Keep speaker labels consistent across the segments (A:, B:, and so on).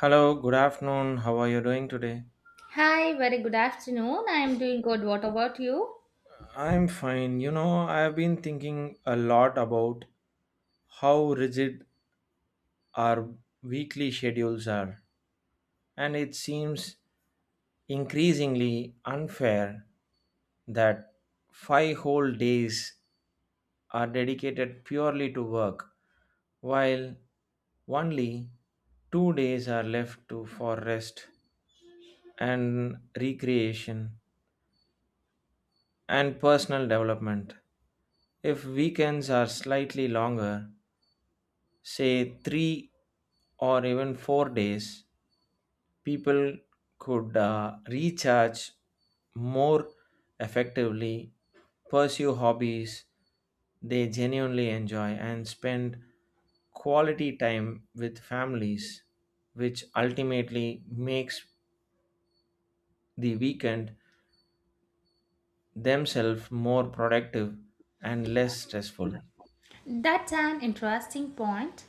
A: Hello, good afternoon. How are you doing today?
B: Hi, very good afternoon. I am doing good. What about you?
A: I'm fine. You know, I've been thinking a lot about how rigid our weekly schedules are, and it seems increasingly unfair that five whole days are dedicated purely to work, while only two days are left to for rest and recreation and personal development. If weekends are slightly longer, say three or even 4 days, people could recharge more effectively, pursue hobbies they genuinely enjoy, and spend quality time with families, which ultimately makes the weekend themselves more productive and less stressful.
B: That's an interesting point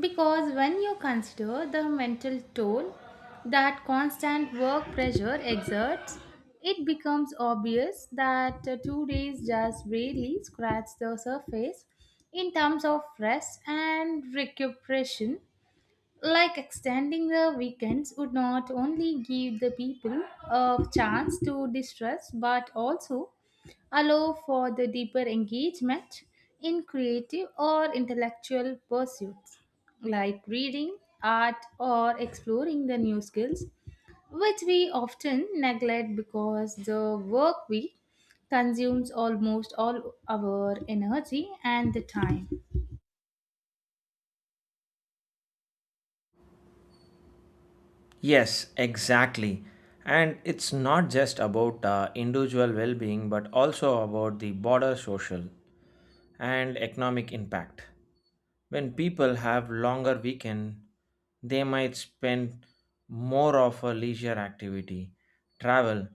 B: because when you consider the mental toll that constant work pressure exerts, it becomes obvious that 2 days just really scratch the surface in terms of rest and recuperation, like extending the weekends would not only give the people a chance to distress but also allow for the deeper engagement in creative or intellectual pursuits like reading, art, or exploring the new skills, which we often neglect because the work week consumes almost all our energy and the time.
A: Yes, exactly. And it's not just about individual well being, but also about the broader social and economic impact. When people have longer weekend, they might spend more of a leisure activity, travel,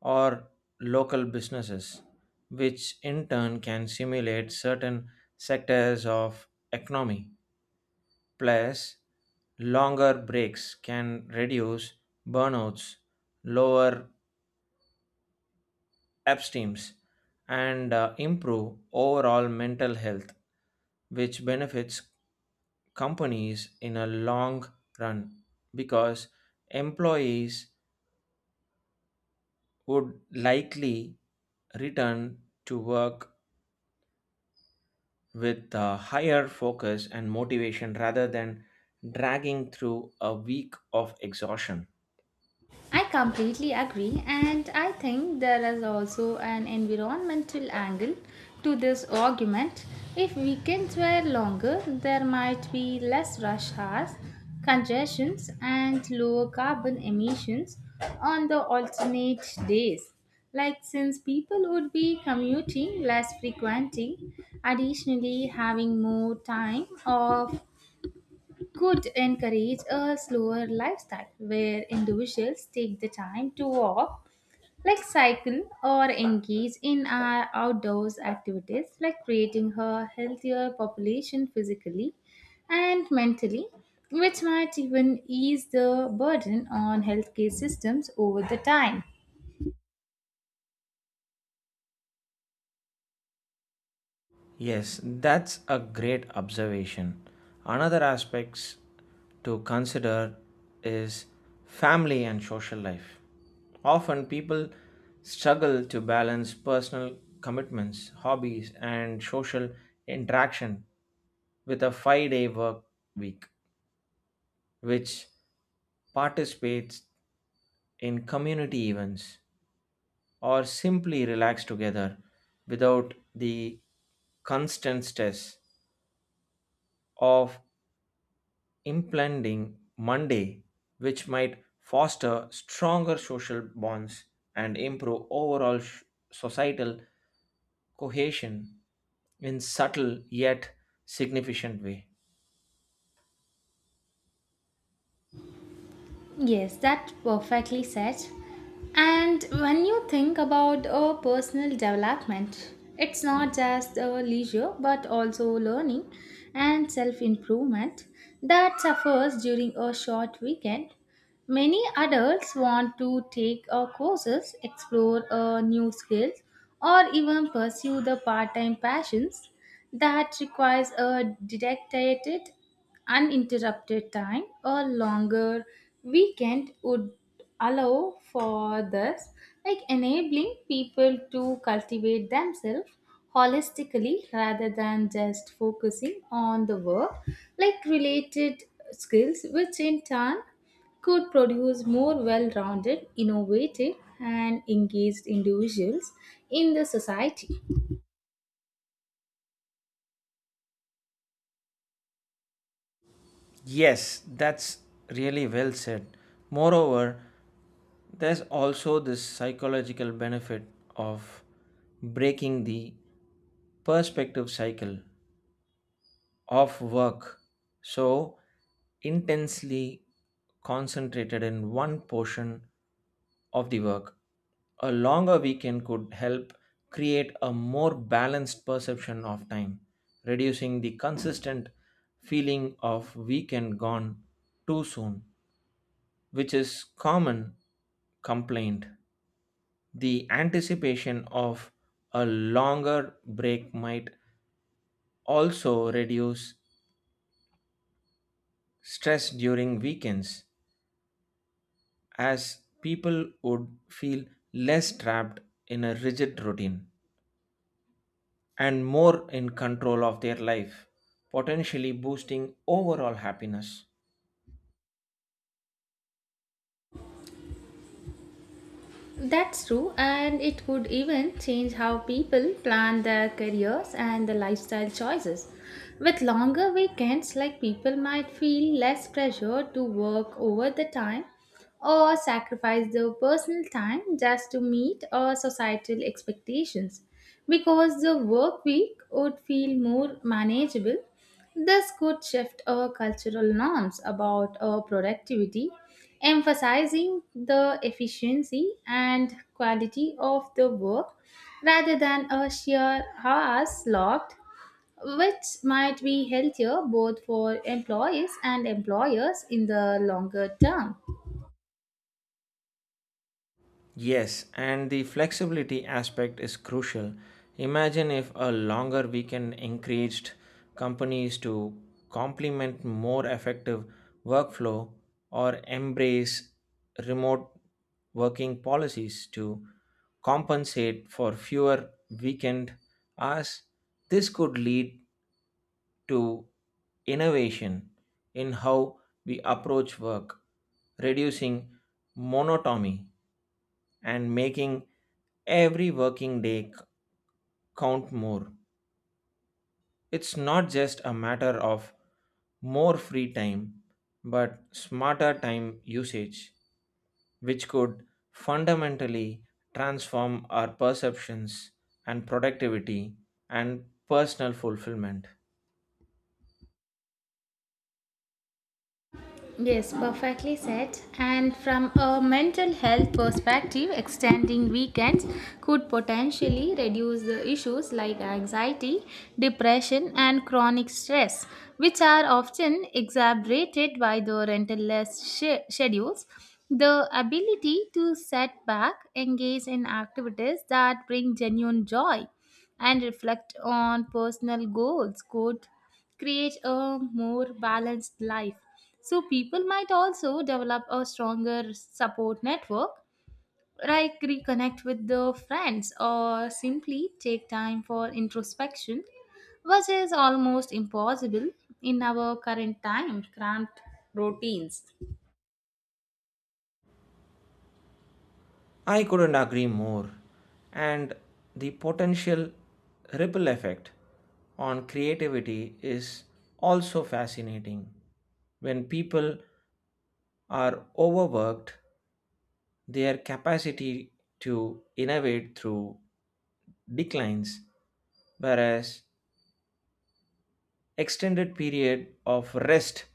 A: or local businesses, which in turn can stimulate certain sectors of economy. Plus, longer breaks can reduce burnouts, lower abstinence, and improve overall mental health, which benefits companies in a long run because employees would likely return to work with a higher focus and motivation rather than dragging through a week of exhaustion.
B: I completely agree, and I think there is also an environmental angle to this argument. If weekends were longer, there might be less rush hours, congestions, and lower carbon emissions on the alternate days. Like, since people would be commuting less frequently, additionally, having more time off could encourage a slower lifestyle where individuals take the time to walk, like cycle, or engage in our outdoors activities, like creating a healthier population physically and mentally, which might even ease the burden on healthcare systems over the time.
A: Yes, that's a great observation. Another aspects to consider is family and social life. Often people struggle to balance personal commitments, hobbies and social interaction with a 5-day work week which participates in community events or simply relax together without the constant stress of Implanting Monday, which might foster stronger social bonds and improve overall societal cohesion in subtle yet significant way.
B: Yes, that perfectly said. And when you think about a personal development, it's not just a leisure but also learning and self improvement that suffers during a short weekend. Many adults want to take courses, explore new skills, or even pursue the part-time passions that requires a dedicated, uninterrupted time. A longer weekend would allow for this, like enabling people to cultivate themselves holistically rather than just focusing on the work, like related skills, which in turn could produce more well rounded, innovative, and engaged individuals in the society.
A: Yes, that's really well said. Moreover, there's also this psychological benefit of breaking the perspective cycle of work so intensely concentrated in one portion of the work. A longer weekend could help create a more balanced perception of time, reducing the consistent feeling of weekend gone too soon, which is common complaint. The anticipation of a longer break might also reduce stress during weekends as people would feel less trapped in a rigid routine and more in control of their life, potentially boosting overall happiness.
B: That's true, and it could even change how people plan their careers and the lifestyle choices. With longer weekends, like people might feel less pressure to work over the time or sacrifice their personal time just to meet our societal expectations because the work week would feel more manageable. This could shift our cultural norms about our productivity, emphasizing the efficiency and quality of the work rather than a sheer hours logged, which might be healthier both for employees and employers in the longer term.
A: Yes, and the flexibility aspect is crucial. Imagine if a longer weekend encouraged companies to complement more effective workflow or embrace remote working policies to compensate for fewer weekend hours. This could lead to innovation in how we approach work, reducing monotony and making every working day count more. It's not just a matter of more free time, but smarter time usage, which could fundamentally transform our perceptions and productivity and personal fulfillment.
B: Yes, perfectly said. And from a mental health perspective, extending weekends could potentially reduce the issues like anxiety, depression, and chronic stress, which are often exacerbated by the rental-less schedules. The ability to set back, engage in activities that bring genuine joy, and reflect on personal goals could create a more balanced life. So, people might also develop a stronger support network, like reconnect with the friends or simply take time for introspection, which is almost impossible in our current time cramped routines.
A: I couldn't agree more. And the potential ripple effect on creativity is also fascinating. When people are overworked, their capacity to innovate through declines, whereas extended period of rest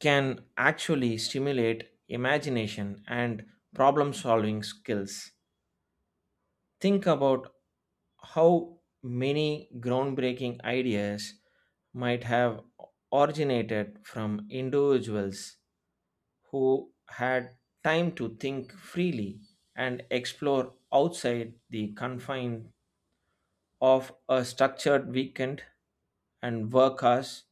A: can actually stimulate imagination and problem solving skills. Think about how many groundbreaking ideas might have originated from individuals who had time to think freely and explore outside the confines of a structured weekend and work hours.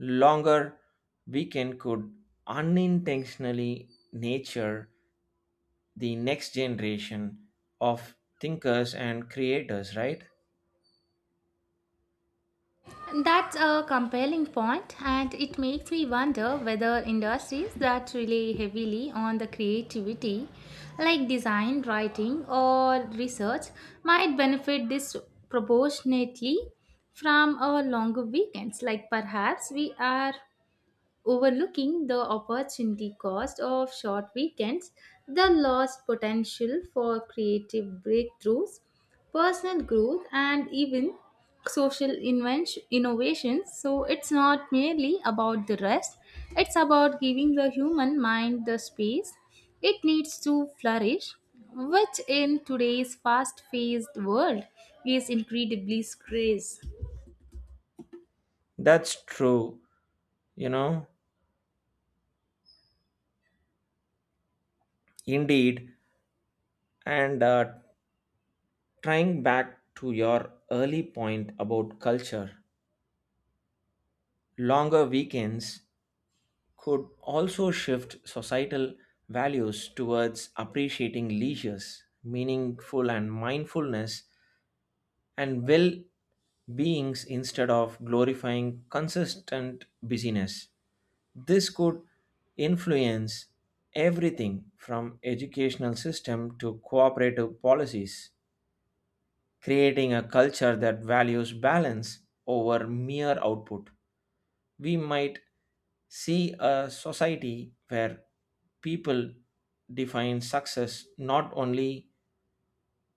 A: Longer weekend could unintentionally nature the next generation of thinkers and creators, right?
B: That's a compelling point, and it makes me wonder whether industries that rely heavily on the creativity, like design, writing, or research, might benefit disproportionately from our longer weekends. Like perhaps we are overlooking the opportunity cost of short weekends, the lost potential for creative breakthroughs, personal growth, and even social invention, innovations. So it's not merely about the rest, it's about giving the human mind the space it needs to flourish, which in today's fast paced world is incredibly scarce.
A: That's true, you know, indeed. And trying back to your early point about culture, longer weekends could also shift societal values towards appreciating leisures, meaningful and mindfulness, and well beings instead of glorifying consistent busyness. This could influence everything from educational system to cooperative policies creating a culture that values balance over mere output. We might see a society where people define success not only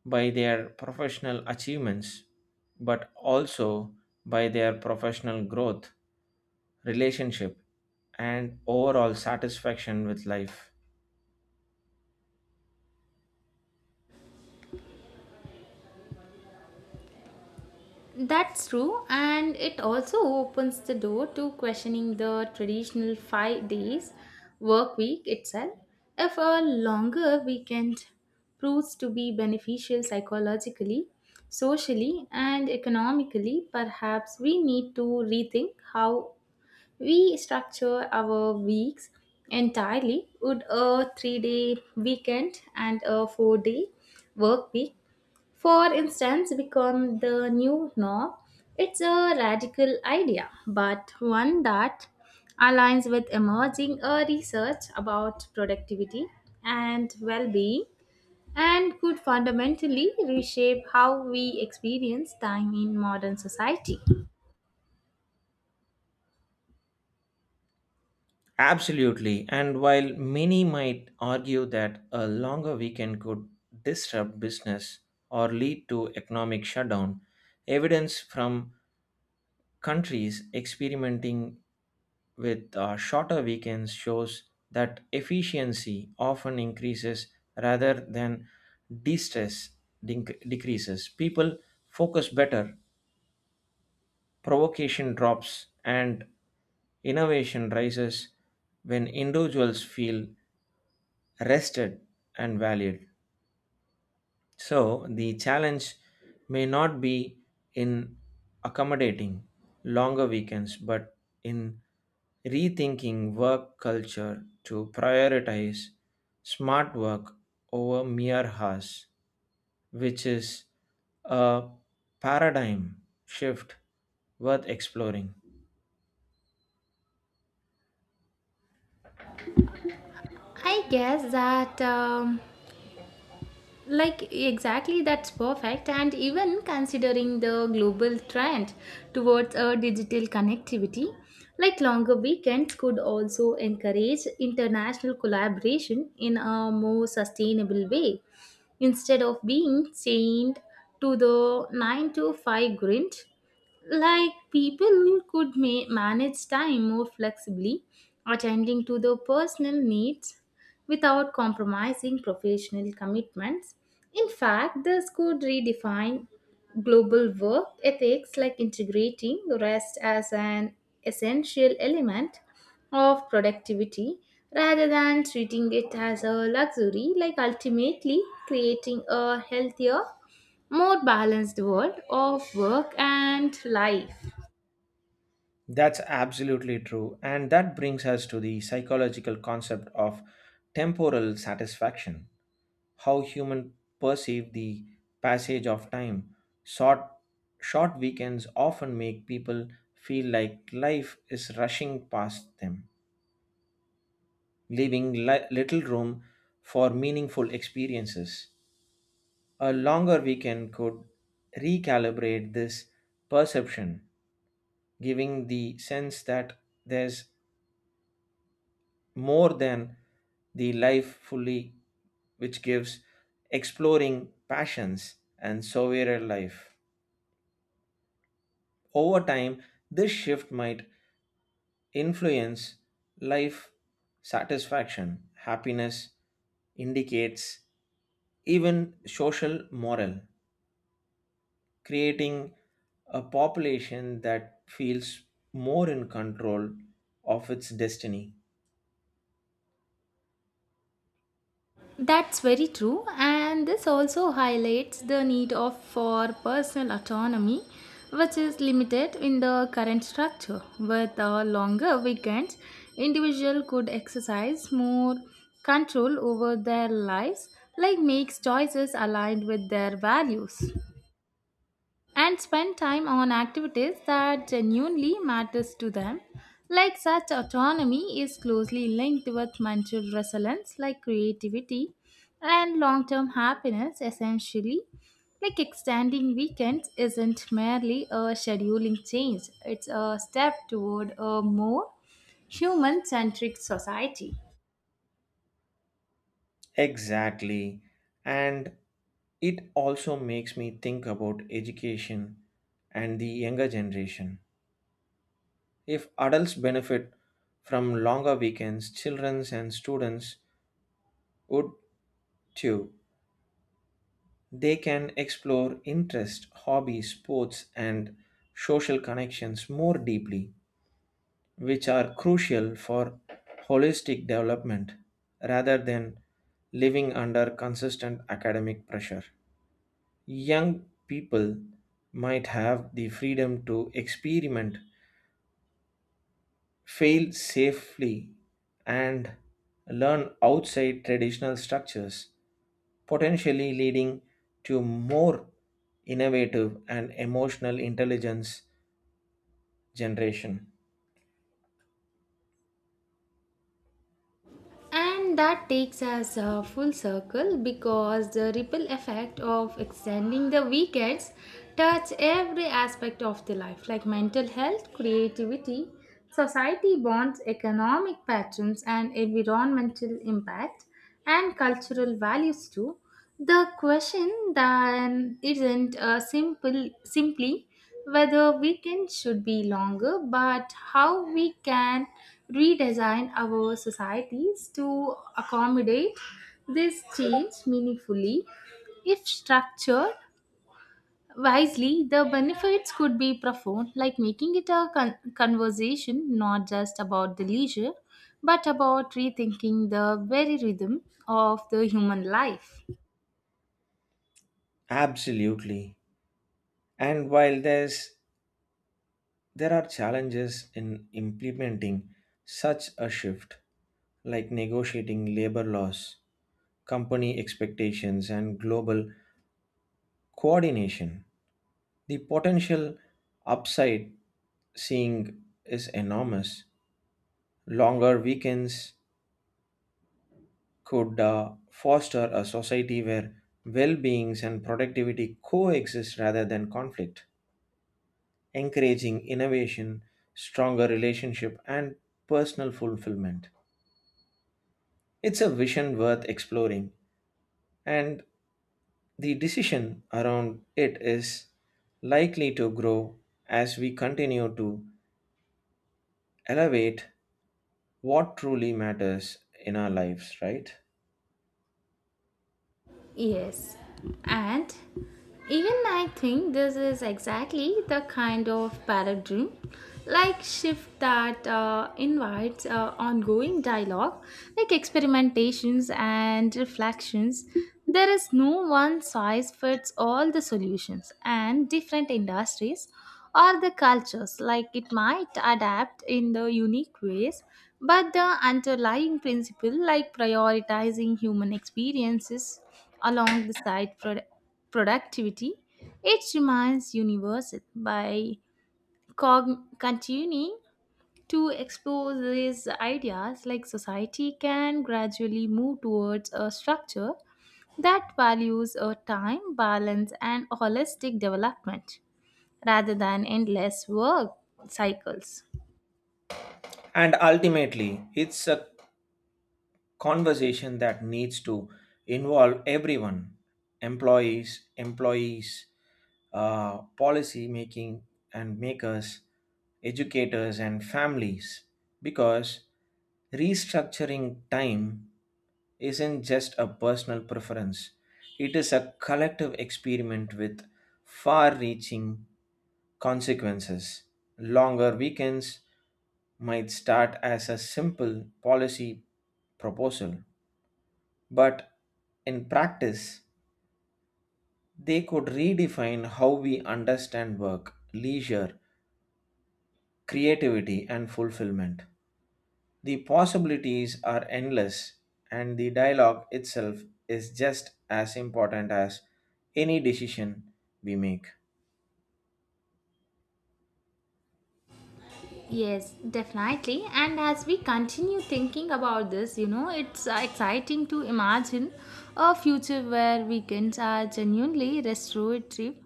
A: by their professional achievements but also by their professional growth, relationship, and overall satisfaction with life.
B: That's true, and it also opens the door to questioning the traditional 5 days work week itself. If a longer weekend proves to be beneficial psychologically, socially, and economically, perhaps we need to rethink how we structure our weeks entirely. Would a 3 day weekend and a 4 day work week, for instance, become the new norm? It's a radical idea, but one that aligns with emerging research about productivity and well being and could fundamentally reshape how we experience time in modern society.
A: Absolutely. And while many might argue that a longer weekend could disrupt business or lead to economic shutdown, evidence from countries experimenting with shorter weekends shows that efficiency often increases rather than de-stress decreases. People focus better, provocation drops, and innovation rises when individuals feel rested and valued. So the challenge may not be in accommodating longer weekends, but in rethinking work culture to prioritize smart work over mere hours, which is a paradigm shift worth exploring.
B: I guess that like exactly that's perfect, and even considering the global trend towards a digital connectivity, like longer weekends could also encourage international collaboration in a more sustainable way instead of being chained to the 9 to 5 grind, like people could manage time more flexibly, attending to their personal needs without compromising professional commitments. In fact, this could redefine global work ethics, like integrating rest as an essential element of productivity rather than treating it as a luxury, like ultimately creating a healthier, more balanced world of work and life.
A: That's absolutely true. And that brings us to the psychological concept of temporal satisfaction how humans perceive the passage of time. Short, Short weekends often make people feel like life is rushing past them, leaving little room for meaningful experiences. A longer weekend could recalibrate this perception, giving the sense that there's more than the life fully, which gives exploring passions and sovereign life. Over time, this shift might influence life satisfaction, happiness, indicates even social moral, creating a population that feels more in control of its destiny.
B: That's very true, and this also highlights the need of for personal autonomy, which is limited in the current structure. With longer weekends, individual could exercise more control over their lives, like makes choices aligned with their values and spend time on activities that genuinely matters to them, like such autonomy is closely linked with mental resilience, like creativity and long-term happiness essentially, like extending weekends isn't merely a scheduling change, it's a step toward a more human-centric society.
A: Exactly. And it also makes me think about education and the younger generation. If adults benefit from longer weekends, children and students would too. They can explore interests, hobbies, sports, and social connections more deeply, which are crucial for holistic development rather than living under consistent academic pressure. Young people might have the freedom to experiment, fail safely, and learn outside traditional structures potentially leading to more innovative and emotional intelligence generation.
B: And that takes us full circle because the ripple effect of extending the weekends touch every aspect of the life, like mental health, creativity, society bonds, economic patterns and environmental impact and cultural values too. The question then isn't simple simply whether weekends should be longer, but how we can redesign our societies to accommodate this change meaningfully. If structured wisely, the benefits could be profound, like making it a conversation not just about the leisure, but about rethinking the very rhythm of the human life.
A: Absolutely. And while there are challenges in implementing such a shift, like negotiating labor laws, company expectations, and global coordination, the potential upside seeing is enormous. Longer weekends, could foster a society where well being and productivity coexist rather than conflict, encouraging innovation, stronger relationship, and personal fulfillment. It's a vision worth exploring, and the decision around it is likely to grow as we continue to elevate what truly matters in our lives, right?
B: Yes, and even I think this is exactly the kind of paradigm, like shift that invites ongoing dialogue, like experimentations and reflections. There is no one size fits all the solutions, and different industries or the cultures, like it might adapt in the unique ways, but the underlying principle, like prioritizing human experiences along the side productivity, it remains universal by continuing to explore these ideas, like society can gradually move towards a structure that values a time balance and holistic development rather than endless work cycles.
A: And ultimately, it's a conversation that needs to involve everyone employees uh, policy making and makers educators and families because restructuring time isn't just a personal preference it is a collective experiment with far reaching consequences longer weekends might start as a simple policy proposal but in practice, they could redefine how we understand work, leisure, creativity, and fulfillment. The possibilities are endless, and the dialogue itself is just as important as any decision we make.
B: Yes, definitely. And as we continue thinking about this, it's exciting to imagine a future where weekends are genuinely restorative,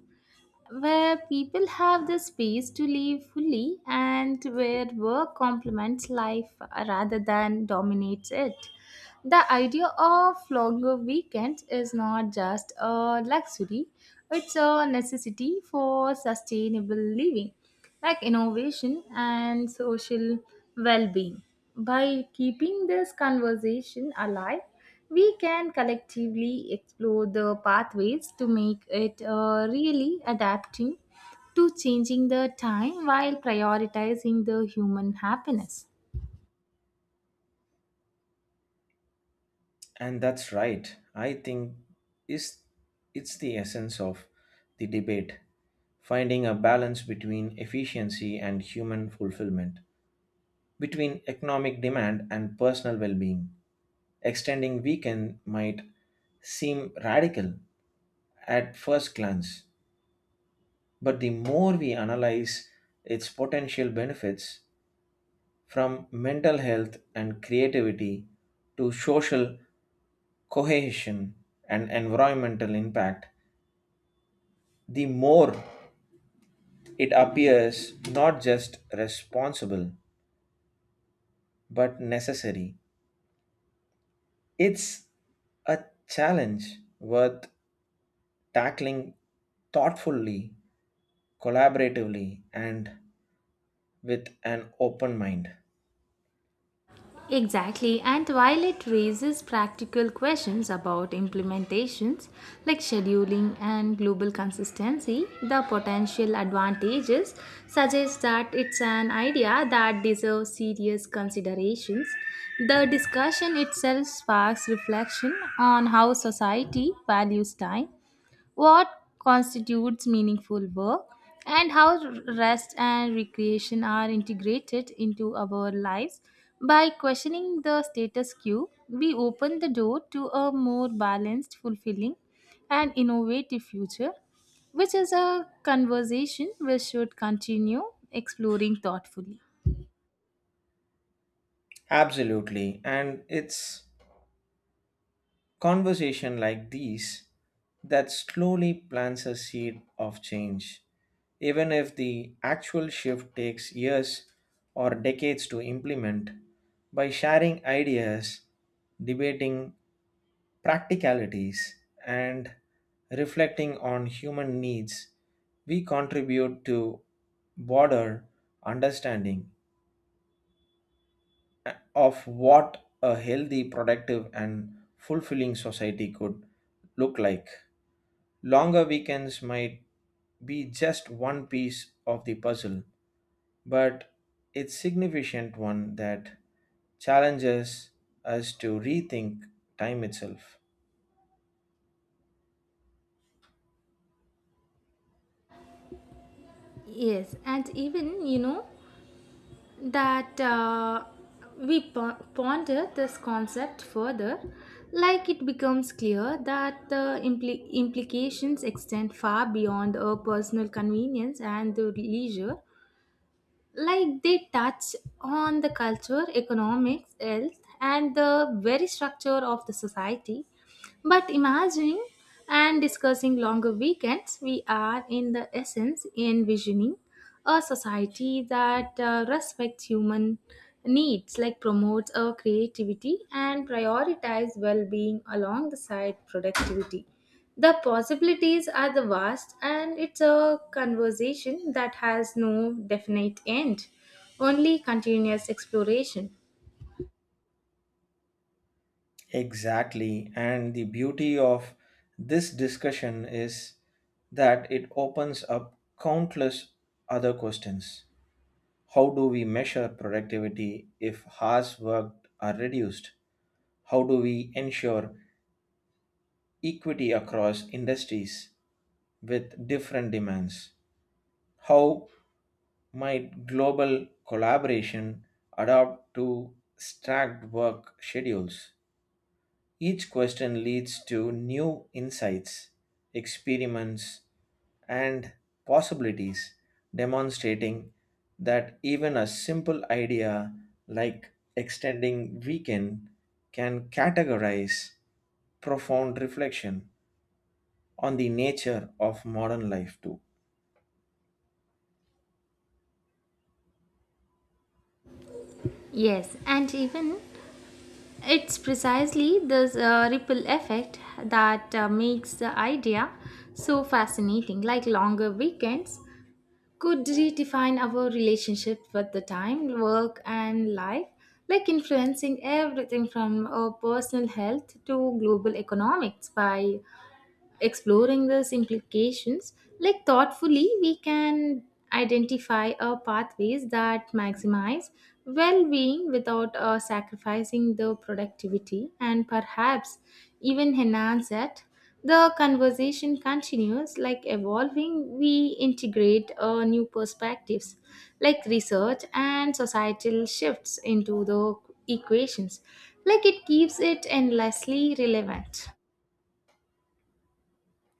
B: where people have the space to live fully, and where work complements life rather than dominates it. The idea of longer weekends is not just a luxury, it's a necessity for sustainable living, like innovation and social well being. By keeping this conversation alive, we can collectively explore the pathways to make it really adapting to changing the time while prioritizing the human happiness.
A: And that's right. I think is it's the essence of the debate, finding a balance between efficiency and human fulfillment. Between economic demand and personal well being. Extending weekend might seem radical at first glance, but the more we analyze its potential benefits from mental health and creativity to social cohesion and environmental impact, the more it appears not just responsible but necessary. It's a challenge worth tackling thoughtfully, collaboratively, and with an open mind.
B: Exactly, and while it raises practical questions about implementations like scheduling and global consistency, the potential advantages suggest that it's an idea that deserves serious considerations. The discussion itself sparks reflection on how society values time, what constitutes meaningful work, and how rest and recreation are integrated into our lives. By questioning the status quo, we open the door to a more balanced, fulfilling, and innovative future, which is a conversation we should continue exploring thoughtfully.
A: Absolutely. And it's Conversation like these that slowly plants a seed of change, even if the actual shift takes years or decades to implement. By sharing ideas, debating practicalities, and reflecting on human needs, we contribute to broader understanding of what a healthy, productive, and fulfilling society could look like. Longer weekends might be just one piece of the puzzle, but it's significant one that challenges us to rethink time itself.
B: Yes, and even that we ponder this concept further, like it becomes clear that the implications extend far beyond our personal convenience and the leisure, like they touch on the culture, economics, health, and the very structure of the society, but imagining and discussing longer weekends, we are in the essence envisioning a society that respects human needs, like promotes our creativity and prioritize well-being alongside productivity. The possibilities are the vast, and it's a conversation that has no definite end, only continuous exploration.
A: Exactly, and the beauty of this discussion is that it opens up countless other questions How do we measure productivity if hours worked are reduced? How do we ensure equity across industries with different demands? How might global collaboration adapt to stacked work schedules? Each question leads to new insights, experiments, and possibilities, demonstrating that even a simple idea like extending weekend can categorize profound reflection on the nature of modern life too.
B: Yes, and even it's precisely this ripple effect that makes the idea so fascinating. Like longer weekends could redefine our relationship with the time, work, and life, like influencing everything from our personal health to global economics by exploring these implications, like thoughtfully, we can identify our pathways that maximize well being without sacrificing the productivity and perhaps even enhance it. The conversation continues like evolving, we integrate new perspectives like research and societal shifts into the equations, like it keeps it endlessly relevant.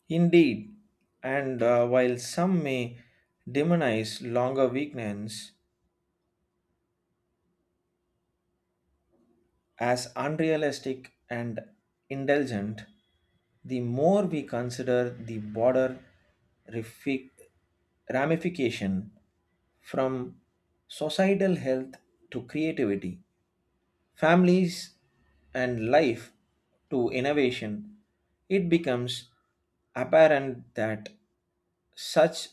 A: Indeed, and while some may demonize longer weekends, as unrealistic and indulgent, the more we consider the broader refi- ramification from societal health to creativity, families and life to innovation, it becomes apparent that such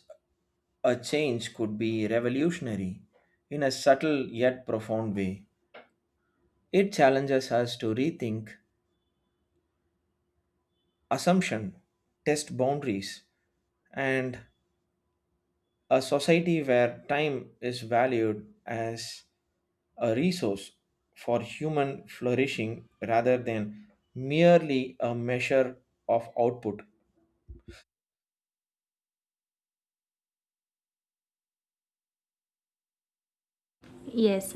A: a change could be revolutionary in a subtle yet profound way. It challenges us to rethink assumption, test boundaries, and a society where time is valued as a resource for human flourishing rather than merely a measure of output.
B: Yes,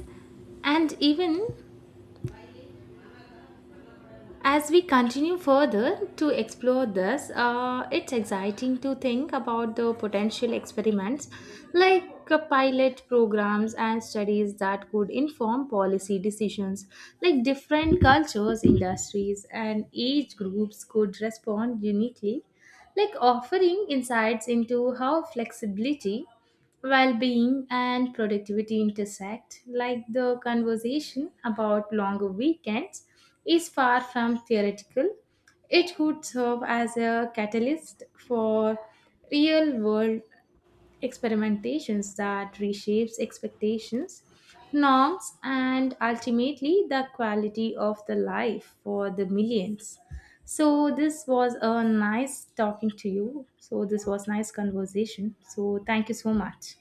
B: and even as we continue further to explore this, it's exciting to think about the potential experiments like pilot programs and studies that could inform policy decisions. Like different cultures, industries, and age groups could respond uniquely, like offering insights into how flexibility, well-being and productivity intersect, like the conversation about longer weekends is far from theoretical, it could serve as a catalyst for real world experimentations that reshapes expectations, norms, and ultimately the quality of the life for the millions. So this was a nice talking to you, so this was nice conversation, so thank you so much.